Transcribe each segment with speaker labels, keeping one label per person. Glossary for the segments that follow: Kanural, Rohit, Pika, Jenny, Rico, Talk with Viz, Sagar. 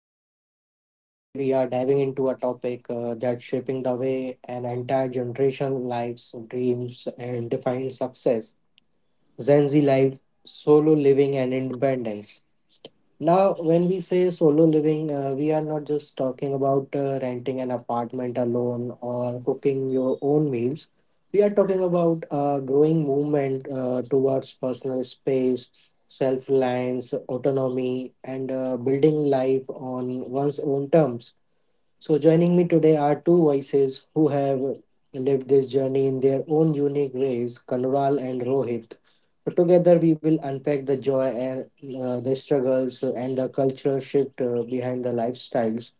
Speaker 1: Sagar, and today we are diving into a topic that's shaping the way an entire generation lives, dreams, and defines success Gen Z life, solo living, and independence. Now, when we say solo living, we are not just talking about renting an apartment alone or cooking your own meals. We are talking about a growing movement towards personal space, self reliance, autonomy, and building life on one's own terms. So, joining me today are two voices who have lived this journey in their own unique ways Kanural and Rohit. So together, we will unpack the joy and the struggles and the cultural shift behind the lifestyles.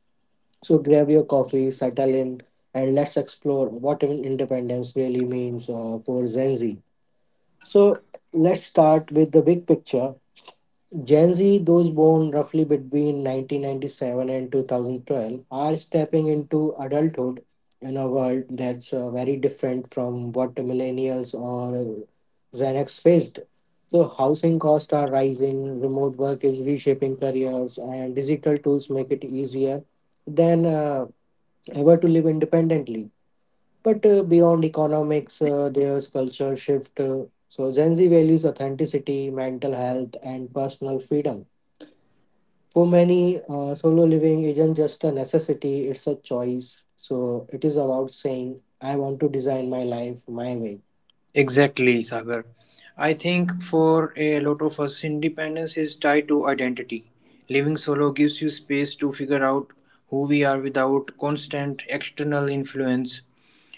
Speaker 1: So, grab your coffee, settle in, and let's explore what independence really means for Gen Z. So, let's start with the big picture. Gen Z, those born roughly between 1997 and 2012, are stepping into adulthood in a world that's very different from what millennials or Gen X faced. So, housing costs are rising, remote work is reshaping careers, and digital tools make it easier than ever to live independently. But beyond economics, there's culture shift. So, Gen Z values authenticity, mental health, and personal freedom for many, solo living isn't just a necessity, it's a choice. So it is about saying, I want to design my life my way.
Speaker 2: Exactly, Sagar. I think for a lot of us, independence is tied to identity. Living solo gives you space to figure out who we are without constant external influence.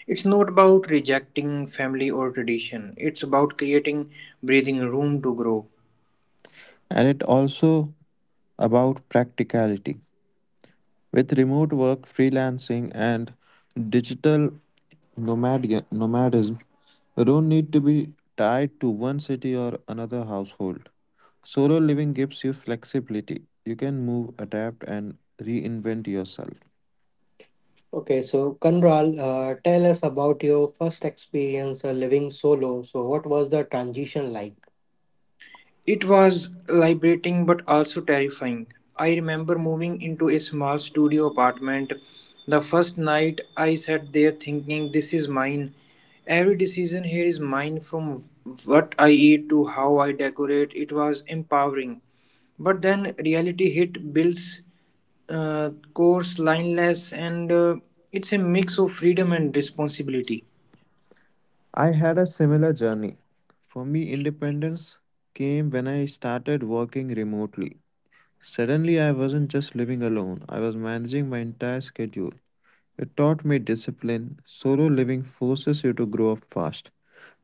Speaker 2: It's not about rejecting family or tradition, it's about creating breathing room to grow.
Speaker 3: And it also about practicality with remote work, freelancing, and digital nomadism. You don't need to be tied to one city or another household. Solo living gives you flexibility. You can move, adapt, and reinvent yourself.
Speaker 1: Okay, so Kanral, tell us about your first experience living solo. So, what was the transition like?
Speaker 2: It was liberating but also terrifying. I remember moving into a small studio apartment. The first night I sat there thinking, this is mine. Every decision here is mine, from what I eat to how I decorate. It was empowering. But then reality hit bills, course, lineless, and it's a mix of freedom and responsibility.
Speaker 3: I had a similar journey. For me, independence came when I started working remotely. Suddenly I wasn't just living alone, I was managing my entire schedule. It taught me discipline. Solo living forces you to grow up fast,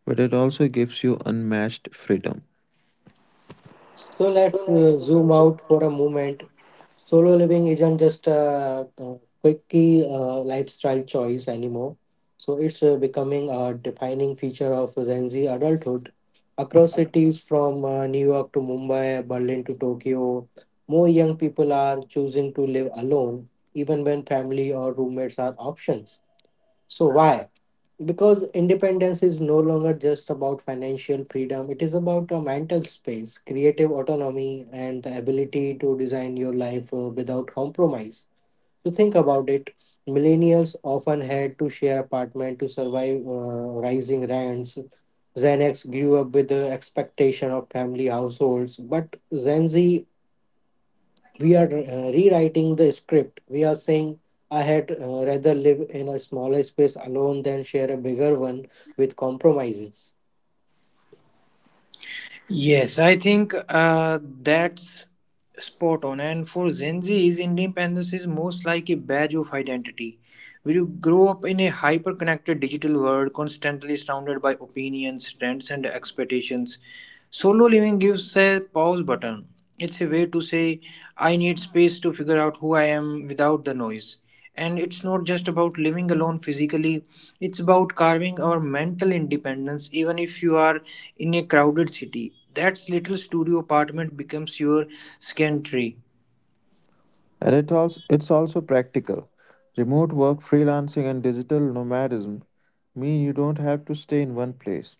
Speaker 3: but it also gives you unmatched freedom.
Speaker 1: So let's zoom out for a moment. Solo living isn't just a quickie lifestyle choice anymore. So it's becoming a defining feature of Gen Z adulthood. Across cities from New York to Mumbai, Berlin to Tokyo, more young people are choosing to live alone, even when family or roommates are options. So why? Because independence is no longer just about financial freedom, it is about a mental space, creative autonomy, and the ability to design your life without compromise. To think about it, millennials often had to share apartment to survive rising rents. Gen X grew up with the expectation of family households, but Gen Z, we are rewriting the script. We are saying, I had rather live in a smaller space alone than share a bigger one with compromises.
Speaker 2: Yes, I think that's spot on. And for Gen Zs, independence is most like a badge of identity. When you grow up in a hyper connected digital world, constantly surrounded by opinions, trends, and expectations, solo living gives a pause button. It's a way to say, I need space to figure out who I am without the noise. And it's not just about living alone physically, it's about carving our mental independence, even if you are in a crowded city. That's little studio apartment becomes your sanctuary.
Speaker 3: And it also it's also practical. Remote work, freelancing, and digital nomadism mean you don't have to stay in one place.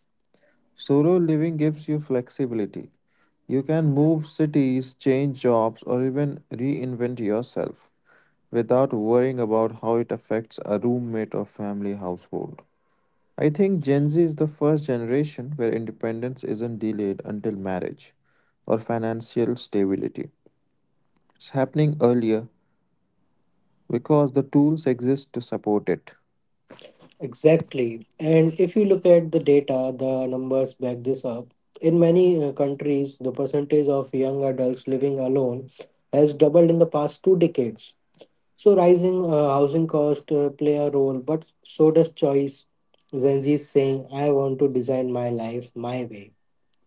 Speaker 3: Solo living gives you flexibility. You can move cities, change jobs, or even reinvent yourself without worrying about how it affects a roommate or family household. I think Gen Z is the first generation where independence isn't delayed until marriage or financial stability. It's happening earlier because the tools exist to support it.
Speaker 1: Exactly. And if you look at the data, the numbers back this up. In many countries, the percentage of young adults living alone has doubled in the past two decades. So, rising housing costs play a role, but so does choice. Gen Z is saying, I want to design my life my way.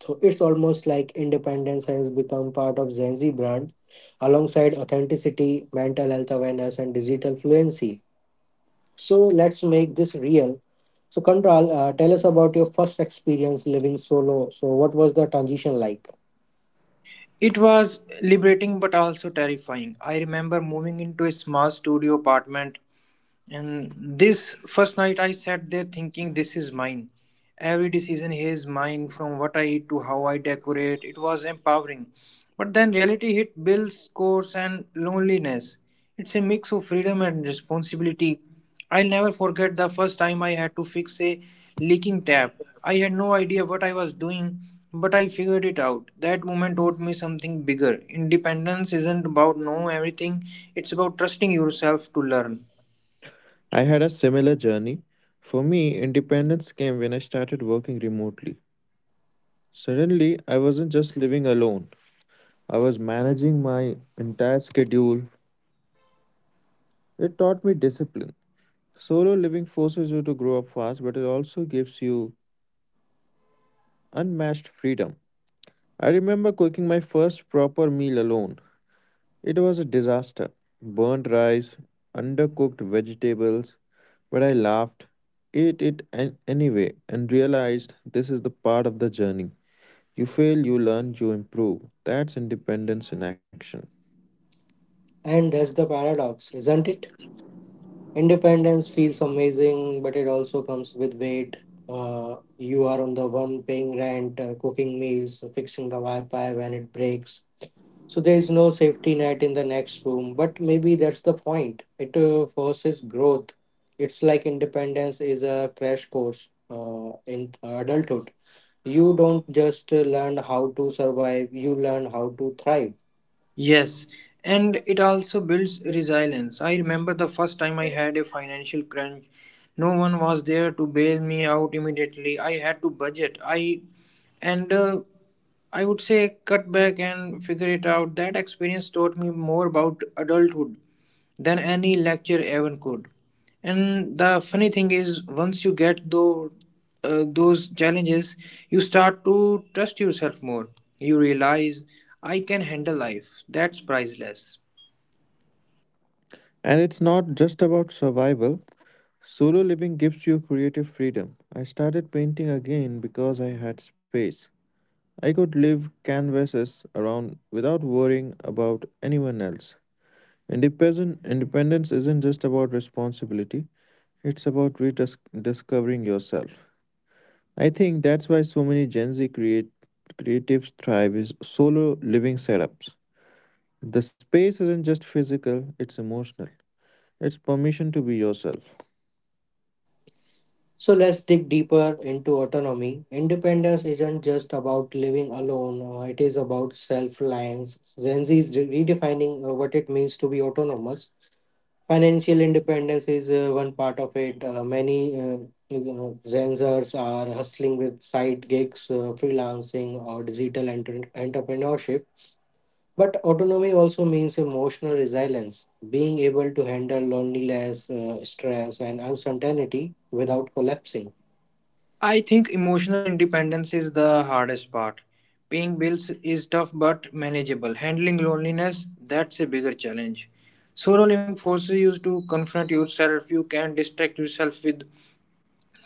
Speaker 1: So it's almost like independence has become part of Gen Z brand alongside authenticity, mental health awareness, and digital fluency. So let's make this real. So, Kandral, tell us about your first experience living solo. So, what was the transition like?
Speaker 2: It was liberating but also terrifying. I remember moving into a small studio apartment. And this first night I sat there thinking, this is mine. Every decision here is mine, from what I eat to how I decorate. It was empowering. But then reality hit bills, course, and loneliness. It's a mix of freedom and responsibility. I'll never forget the first time I had to fix a leaking tap. I had no idea what I was doing, but I figured it out. That moment taught me something bigger. Independence isn't about knowing everything, it's about trusting yourself to learn.
Speaker 3: I had a similar journey. For me, independence came when I started working remotely. Suddenly, I wasn't just living alone, I was managing my entire schedule. It taught me discipline. Solo living forces you to grow up fast, but it also gives you unmatched freedom. I remember cooking my first proper meal alone. It was a disaster. Burnt rice, undercooked vegetables, but I laughed, ate it anyway, and realized this is the part of the journey. You fail, you learn, you improve. That's independence in action.
Speaker 1: And that's the paradox, isn't it? Independence feels amazing, but it also comes with weight. You are on the one paying rent, cooking meals, fixing the Wi Fi when it breaks. So there is no safety net in the next room, but maybe that's the point. It forces growth. It's like independence is a crash course in adulthood. You don't just learn how to survive, you learn how to thrive.
Speaker 2: Yes, and it also builds resilience. I remember the first time I had a financial crunch. No one was there to bail me out immediately. I had to budget. And uh, I would say cut back and figure it out. That experience taught me more about adulthood than any lecture ever could. And the funny thing is, once you get those challenges, you start to trust yourself more. You realize, I can handle life. That's priceless.
Speaker 3: And it's not just about survival. Solo living gives you creative freedom. I started painting again because I had space. I could live canvases around without worrying about anyone else. Independence isn't just about responsibility, it's about rediscovering yourself. I think that's why so many creatives thrive is solo living setups. The space isn't just physical, it's emotional. It's permission to be yourself.
Speaker 1: So let's dig deeper into autonomy. Independence isn't just about living alone, it is about self reliance. Gen Z is redefining what it means to be autonomous. Financial independence is one part of it. Many Zensers are hustling with side gigs, freelancing, or digital entrepreneurship. But autonomy also means emotional resilience, being able to handle loneliness, stress, and uncertainty without collapsing.
Speaker 2: I think emotional independence is the hardest part. Paying bills is tough but manageable. Handling loneliness, that's a bigger challenge. Solo living forces you to confront yourself. You can distract yourself with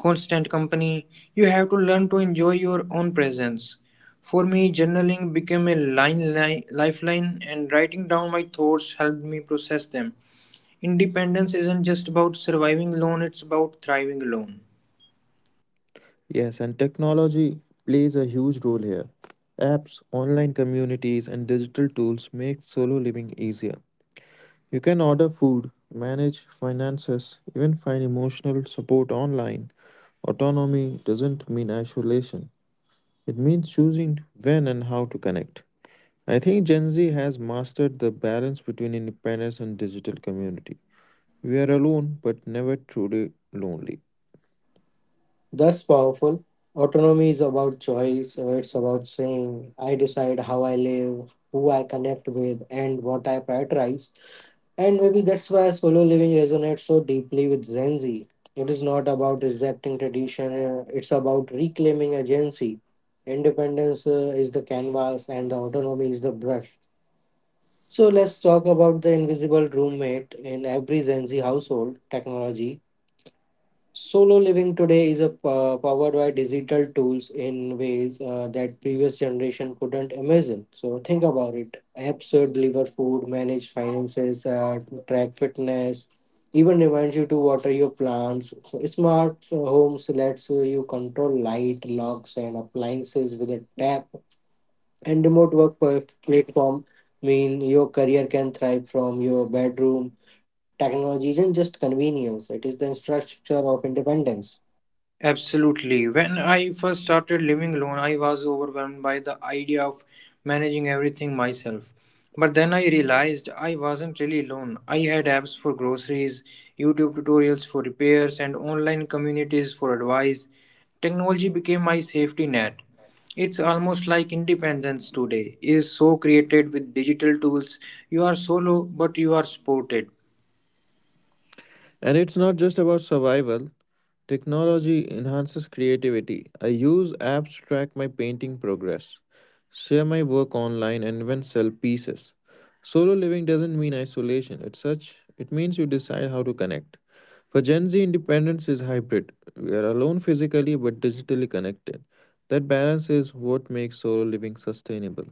Speaker 2: constant company. You have to learn to enjoy your own presence. For me, journaling became lifeline, and writing down my thoughts helped me process them. Independence isn't just about surviving alone, it's about thriving alone.
Speaker 3: Yes, and technology plays a huge role here. Apps, online communities, and digital tools make solo living easier. You can order food, manage finances, even find emotional support online. Autonomy doesn't mean isolation, it means choosing when and how to connect. I think Gen Z has mastered the balance between independence and digital community. We are alone, but never truly lonely.
Speaker 1: That's powerful. Autonomy is about choice. It's about saying, I decide how I live, who I connect with, and what I prioritize. And maybe that's why solo living resonates so deeply with Gen Z. It is not about rejecting tradition, it's about reclaiming agency. Independence is the canvas, and the autonomy is the brush. So let's talk about the invisible roommate in every Gen Z household technology. Solo living today is a powered by digital tools in ways that previous generation couldn't imagine. So think about it. Apps that deliver food, manage finances, track fitness, even reminds you to water your plants. So smart homes lets you control light, locks, and appliances with a tap. And remote work platform mean your career can thrive from your bedroom. Technology isn't just convenience, it is the structure of independence.
Speaker 2: Absolutely. When I first started living alone, I was overwhelmed by the idea of managing everything myself. But then I realized I wasn't really alone. I had apps for groceries, YouTube tutorials for repairs, and online communities for advice. Technology became my safety net. It's almost like independence today is so created with digital tools. You are solo, but you are supported.
Speaker 3: And it's not just about survival. Technology enhances creativity. I use apps to track my painting progress, share my work online, and even sell pieces. Solo living doesn't mean isolation. It's such it means you decide how to connect. For Gen Z, independence is hybrid. We are alone physically but digitally connected. That balance is what makes solo living sustainable.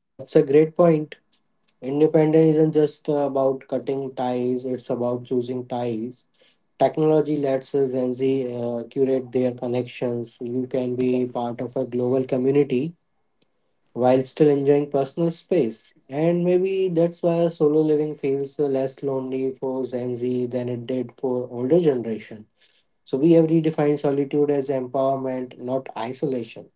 Speaker 1: That's a great point. Independence isn't just about cutting ties, it's about choosing ties. Technology lets Gen Z curate their connections. You can be part of a global community while still enjoying personal space. And maybe that's why solo living feels less lonely for Gen Z than it did for older generation. So we have redefined solitude as empowerment, not isolation.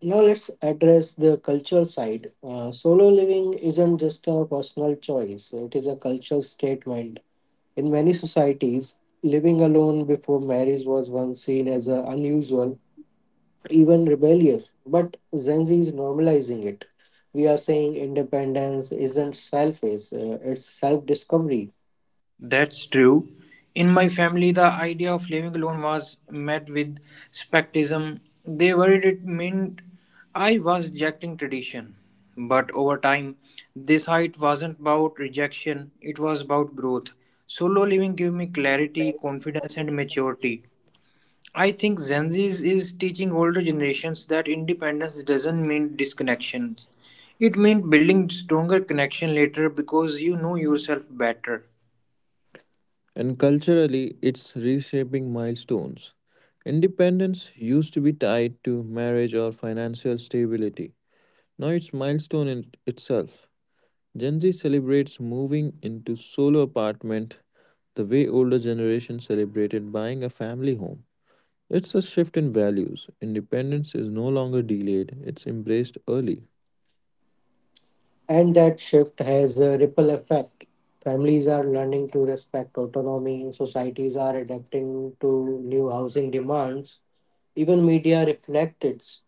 Speaker 1: Now let's address the cultural side. Solo living isn't just a personal choice, it is a cultural statement. In many societies, living alone before marriage was once seen as unusual, even rebellious, but Gen Z is normalizing it. We are saying independence isn't selfish, it's self discovery.
Speaker 2: That's true. In my family, the idea of living alone was met with skepticism. They worried it meant I was rejecting tradition. But over time, this height wasn't about rejection, it was about growth. Solo living gave me clarity, confidence, and maturity. I think Gen Z is teaching older generations that independence doesn't mean disconnections. It means building stronger connection later because you know yourself better.
Speaker 3: And culturally, it's reshaping milestones. Independence used to be tied to marriage or financial stability. Now it's milestone in itself. Gen Z celebrates moving into solo apartment the way older generation celebrated buying a family home. It's a shift in values. Independence is no longer delayed, it's embraced early.
Speaker 1: And that shift has a ripple effect. Families are learning to respect autonomy, societies are adapting to new housing demands, even media reflect it.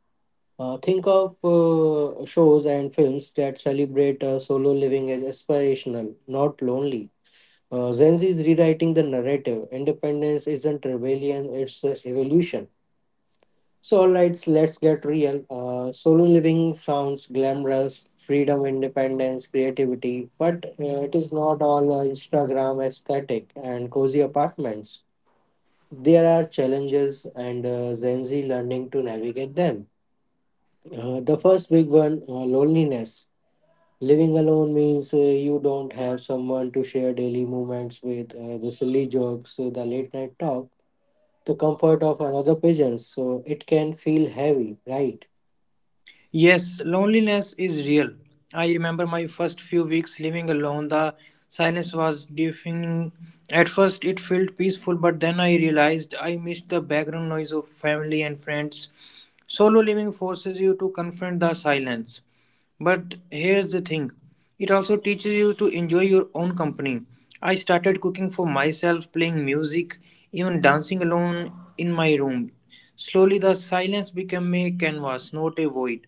Speaker 1: Think of shows and films that celebrate solo living as aspirational, not lonely. Gen Z is rewriting the narrative. Independence isn't rebellion, it's evolution. So, alright, let's get real. Solo living sounds glamorous, freedom, independence, creativity, but it is not all Instagram aesthetic and cozy apartments. There are challenges, and Gen Z learning to navigate them. The first big one, loneliness. Living alone means you don't have someone to share daily moments with, the silly jokes, the late night talk, the comfort of another pigeon. So it can feel heavy, right?
Speaker 2: Yes, loneliness is real. I remember my first few weeks living alone. The silence was deafening. At first, it felt peaceful, but then I realized I missed the background noise of family and friends. Solo living forces you to confront the silence. But here's the thing, it also teaches you to enjoy your own company. I started cooking for myself, playing music, even dancing alone in my room. Slowly, the silence became a canvas, not a void.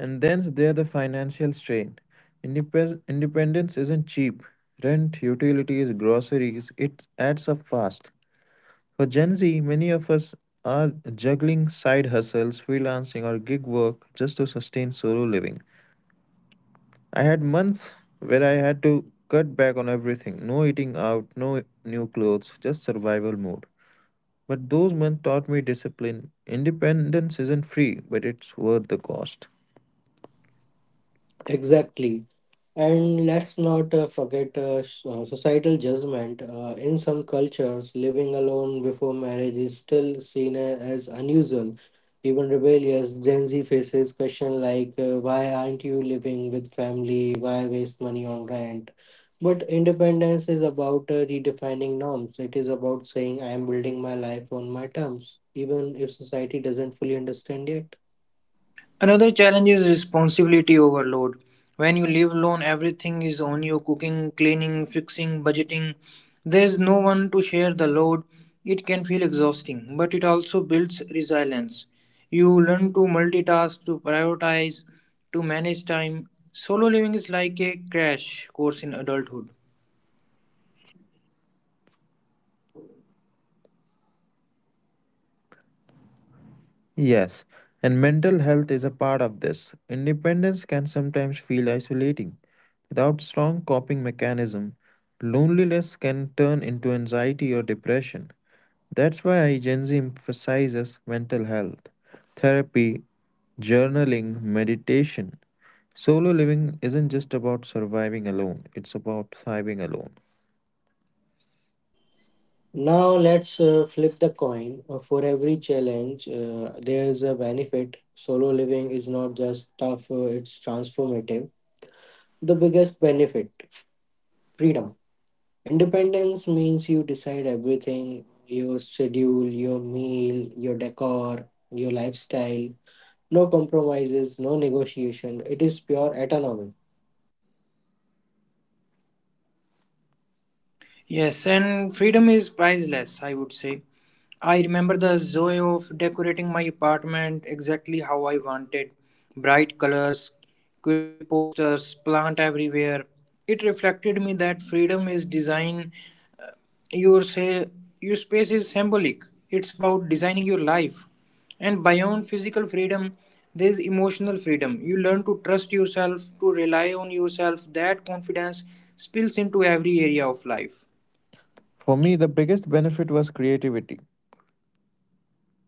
Speaker 3: And then's there the financial strain. Independence isn't cheap. Rent, utilities, groceries, it adds up fast. For Gen Z, many of us are juggling side hustles, freelancing, or gig work just to sustain solo living. I had months where I had to cut back on everything, no eating out, no new clothes, just survival mode. But those months taught me discipline. Independence isn't free, but it's worth the cost.
Speaker 1: Exactly. And let's not forget societal judgment. In some cultures, living alone before marriage is still seen as unusual, even rebellious. Gen Z faces questions like, "Why aren't you living with family? Why waste money on rent?" But independence is about redefining norms. It is about saying, "I am building my life on my terms," even if society doesn't fully understand yet.
Speaker 2: Another challenge is responsibility overload. When you live alone, everything is on you: cooking, cleaning, fixing, budgeting. There's no one to share the load. It can feel exhausting, but it also builds resilience. You learn to multitask, to prioritize, to manage time. Solo living is like a crash course in adulthood.
Speaker 3: Yes, and mental health is a part of this. Independence can sometimes feel isolating. Without strong coping mechanism, loneliness can turn into anxiety or depression. That's why Gen Z emphasizes mental health, therapy, journaling, meditation. Solo living isn't just about surviving alone, it's about thriving alone.
Speaker 1: Now let's flip the coin. For every challenge, there is a benefit. Solo living is not just tough, it's transformative. The biggest benefit freedom. Independence means you decide everything your schedule, your meal, your decor, your lifestyle. No compromises, no negotiation. It is pure autonomy.
Speaker 2: Yes, and freedom is priceless, I would say. I remember the joy of decorating my apartment exactly how I wanted: bright colors, quirky posters, plant everywhere. It reflected me that freedom is design. Your, say, your space is symbolic, it's about designing your life. And beyond physical freedom, there's emotional freedom. You learn to trust yourself, to rely on yourself. That confidence spills into every area of life.
Speaker 3: For me, the biggest benefit was creativity.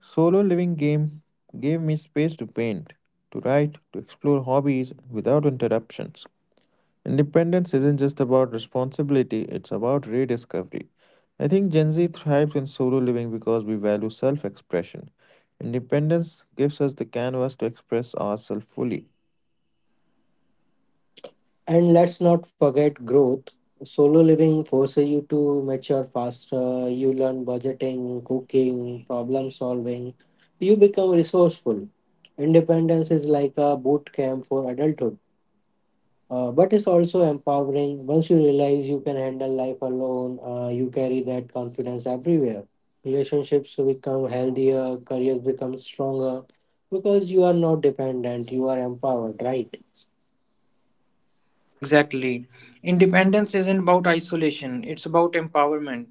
Speaker 3: Solo living game gave me space to paint, to write, to explore hobbies without interruptions. Independence isn't just about responsibility, it's about rediscovery. I think Gen Z thrives in solo living because we value self expression. Independence gives us the canvas to express ourselves fully.
Speaker 1: And let's not forget growth. Solo living forces you to mature faster. You learn budgeting, cooking, problem solving. You become resourceful. Independence is like a boot camp for adulthood, but it's also empowering. Once you realize you can handle life alone, you carry that confidence everywhere. Relationships become healthier, careers become stronger because you are not dependent, you are empowered, right?
Speaker 2: Exactly. Independence isn't about isolation, it's about empowerment.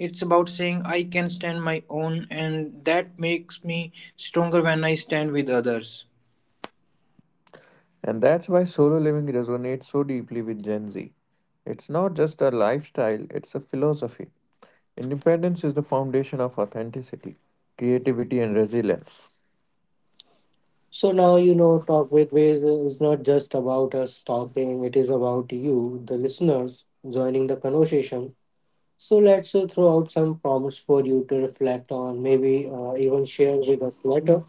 Speaker 2: It's about saying I can stand my own and that makes me stronger when I stand with others.
Speaker 3: And that's why solo living resonates so deeply with Gen Z. It's not just a lifestyle, it's a philosophy. Independence is the foundation of authenticity, creativity, and resilience.
Speaker 1: So now you know Talk with Ways is not just about us talking, it is about you, the listeners, joining the conversation. So let's throw out some prompts for you to reflect on, maybe even share with us later.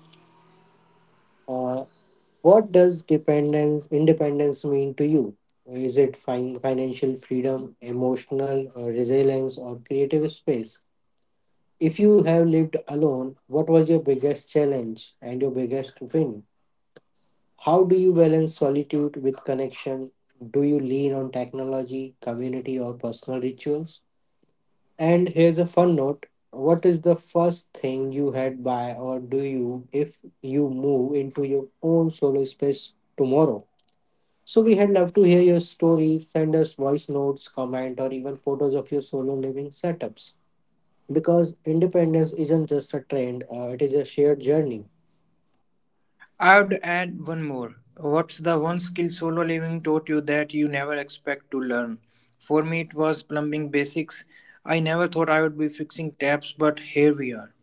Speaker 1: Uh, what does dependence, independence mean to you? Is it financial freedom, emotional resilience, or creative space? If you have lived alone, what was your biggest challenge and your biggest win? How do you balance solitude with connection? Do you lean on technology, community, or personal rituals? And here's a fun note. What is the first thing you had by or do you if you move into your own solo space tomorrow? So, we had love to hear your story. Send us voice notes, comment, or even photos of your solo living setups because independence isn't just a trend, it is a shared journey.
Speaker 2: I would add one more. What's the one skill solo living taught you that you never expect to learn? For me it was plumbing basics. I never thought I would be fixing taps, but here we are.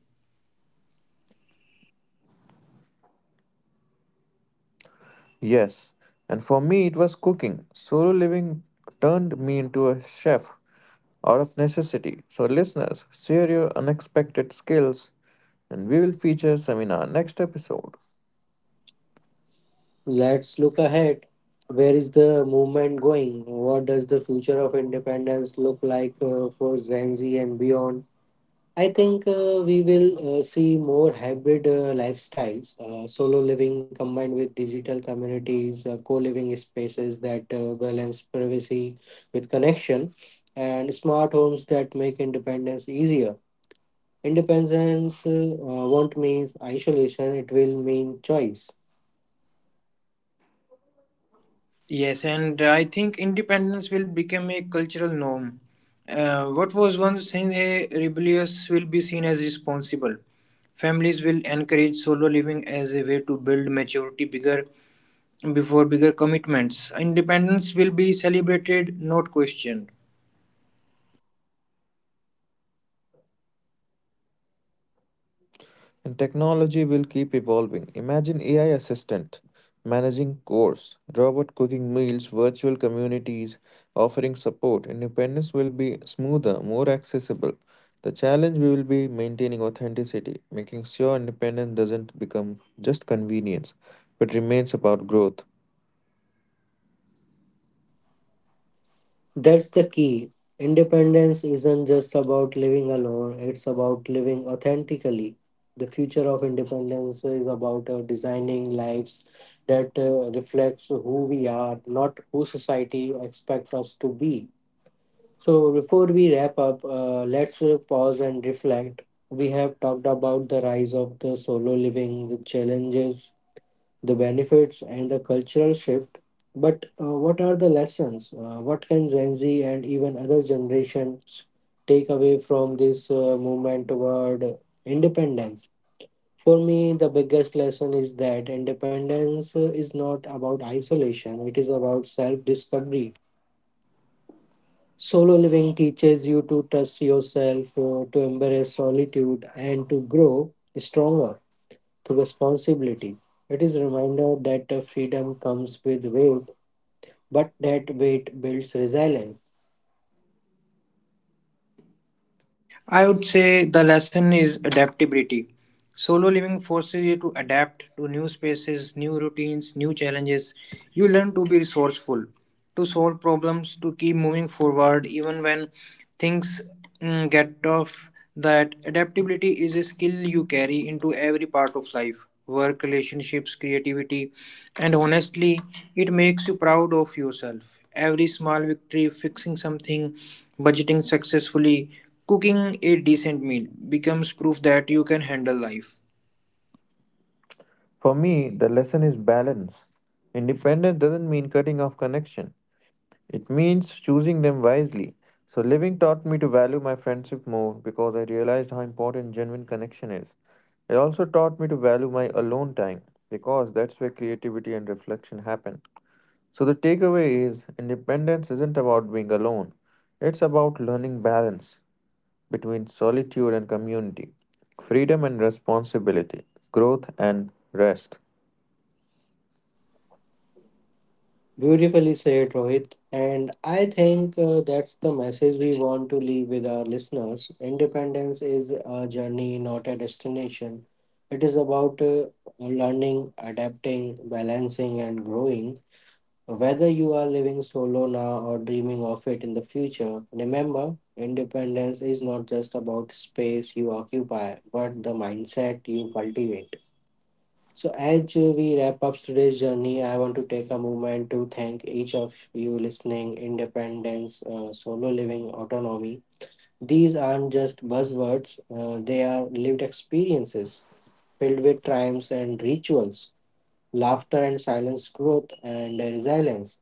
Speaker 3: Yes, and for me it was cooking. Solo living turned me into a chef out of necessity. So, listeners, share your unexpected skills and we will feature some in our next episode.
Speaker 1: Let's look ahead. Where is the movement going? What does the future of independence look like for Gen Z and beyond? I think we will see more hybrid lifestyles, solo living combined with digital communities, co living spaces that balance privacy with connection, and smart homes that make independence easier. Independence won't mean isolation, it will mean choice.
Speaker 2: Yes, and I think independence will become a cultural norm. What was once seen as rebellious will be seen as responsible. Families will encourage solo living as a way to build maturity bigger before bigger commitments. Independence will be celebrated, not questioned.
Speaker 3: And technology will keep evolving. Imagine AI assistant managing course, robot cooking meals, virtual communities offering support. Independence will be smoother, more accessible. The challenge will be maintaining authenticity, making sure independence doesn't become just convenience, but remains about growth.
Speaker 1: That's the key. Independence isn't just about living alone, it's about living authentically. The future of independence is about designing lives that reflects who we are, not who society expects us to be. So before we wrap up, let's pause and reflect. We have talked about the rise of the solo living, the challenges, the benefits, and the cultural shift. But what are the lessons? What can Gen Z and even other generations take away from this movement toward independence? For me, the biggest lesson is that independence is not about isolation, it is about self discovery. Solo living teaches you to trust yourself, to embrace solitude, and to grow stronger to responsibility. It is a reminder that the freedom comes with weight, but that weight builds resilience.
Speaker 2: I would say the lesson is adaptability. Solo living forces you to adapt to new spaces, new routines, new challenges. You learn to be resourceful, to solve problems, to keep moving forward, even when things, get tough. That adaptability is a skill you carry into every part of life: work, relationships, creativity, and honestly, it makes you proud of yourself. Every small victory, fixing something, budgeting successfully, cooking a decent meal becomes proof that you can handle life.
Speaker 3: For me, the lesson is balance. Independence doesn't mean cutting off connection. It means choosing them wisely. So, living taught me to value my friendship more because I realized how important genuine connection is. It also taught me to value my alone time because that's where creativity and reflection happen. So, the takeaway is independence isn't about being alone, it's about learning balance between solitude and community, freedom and responsibility, growth and rest.
Speaker 1: Beautifully said, Rohit. And I think that's the message we want to leave with our listeners. Independence is a journey, not a destination. It is about learning, adapting, balancing, and growing. Whether you are living solo now or dreaming of it in the future, remember independence is not just about space you occupy, but the mindset you cultivate. So, as we wrap up today's journey, I want to take a moment to thank each of you listening. Independence, solo living, autonomy. These aren't just buzzwords, they are lived experiences filled with triumphs and rituals, laughter and silence, growth and resilience.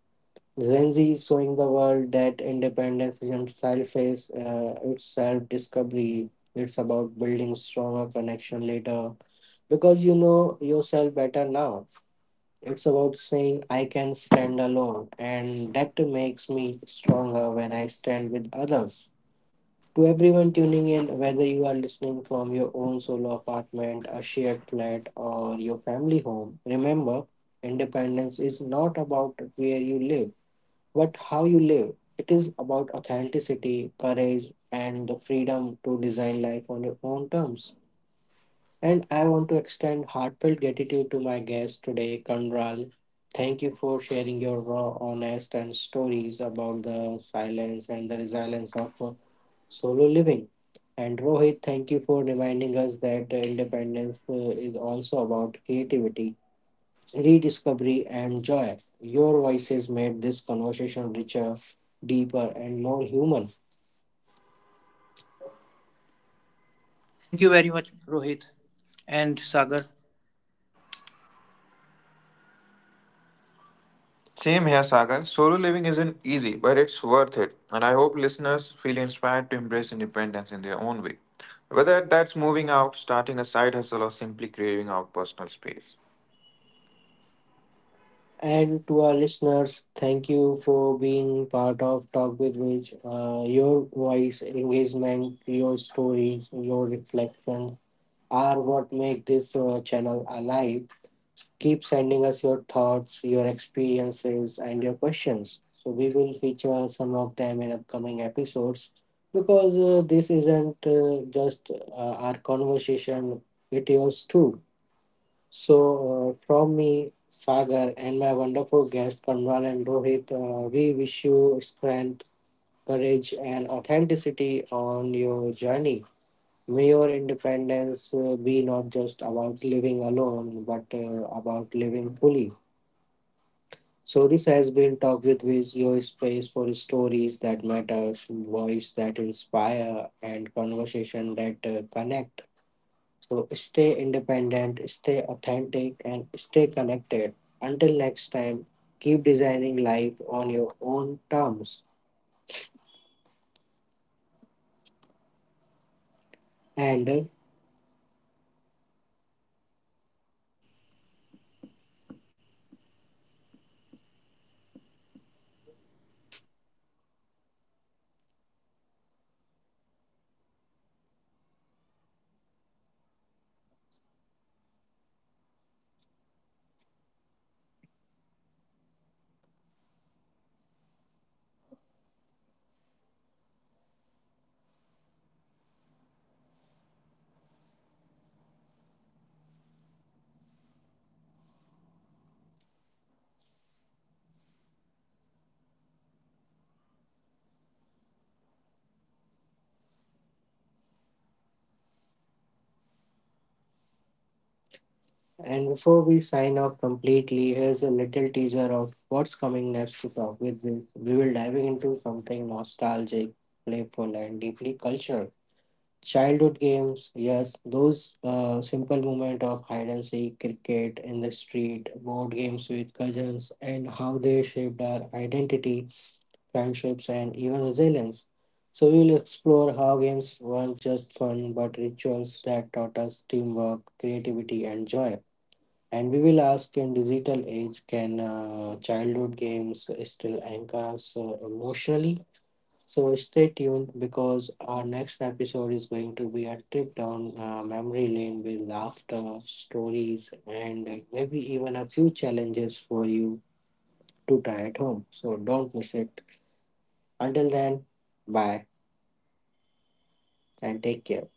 Speaker 1: Gen Z is showing the world that independence isn't selfish, it's self discovery. It's about building stronger connection later because you know yourself better now. It's about saying, I can stand alone, and that makes me stronger when I stand with others. To everyone tuning in, whether you are listening from your own solo apartment, a shared flat, or your family home, remember independence is not about where you live but how you live. It is about authenticity, courage, and the freedom to design life on your own terms. And I want to extend heartfelt gratitude to my guest today, Kandral. Thank you for sharing your raw, honest, and stories about the silence and the resilience of solo living. And Rohit, thank you for reminding us that independence is also about creativity rediscovery, and joy. Your voices made this conversation richer, deeper, and more human.
Speaker 2: Thank you very much, Rohit and Sagar.
Speaker 3: Same here, Sagar. Solo living isn't easy, but it's worth it. And I hope listeners feel inspired to embrace independence in their own way, whether that's moving out, starting a side hustle, or simply craving out personal space.
Speaker 1: And to our listeners, thank you for being part of Talk with Rich. Your voice, engagement, your stories, your reflection are what make this channel alive. Keep sending us your thoughts, your experiences, and your questions. So, we will feature some of them in upcoming episodes because this isn't just our conversation, it yours too. So, from me, Sagar, and my wonderful guest, Kanwal and Rohit, we wish you strength, courage, and authenticity on your journey. May your independence be not just about living alone, but about living fully. So this has been Talk with Viz, your space for stories that matter, voice that inspire, and conversation that connect. So stay independent, stay authentic, and stay connected. Until next time, keep designing life on your own terms. And uh, and before we sign off completely, here's a little teaser of what's coming next to Talk with Viz. We will dive into something nostalgic, playful, and deeply cultural childhood games, yes, those simple moment of hide and seek, cricket in the street, board games with cousins, and how they shaped our identity, friendships, and even resilience. So we will explore how games weren't just fun but rituals that taught us teamwork, creativity, and joy. And we will ask in digital age, can childhood games still anchor us emotionally? So stay tuned because our next episode is going to be a trip down memory lane with laughter, stories, and maybe even a few challenges for you to try at home. So don't miss it. Until then, bye and take care.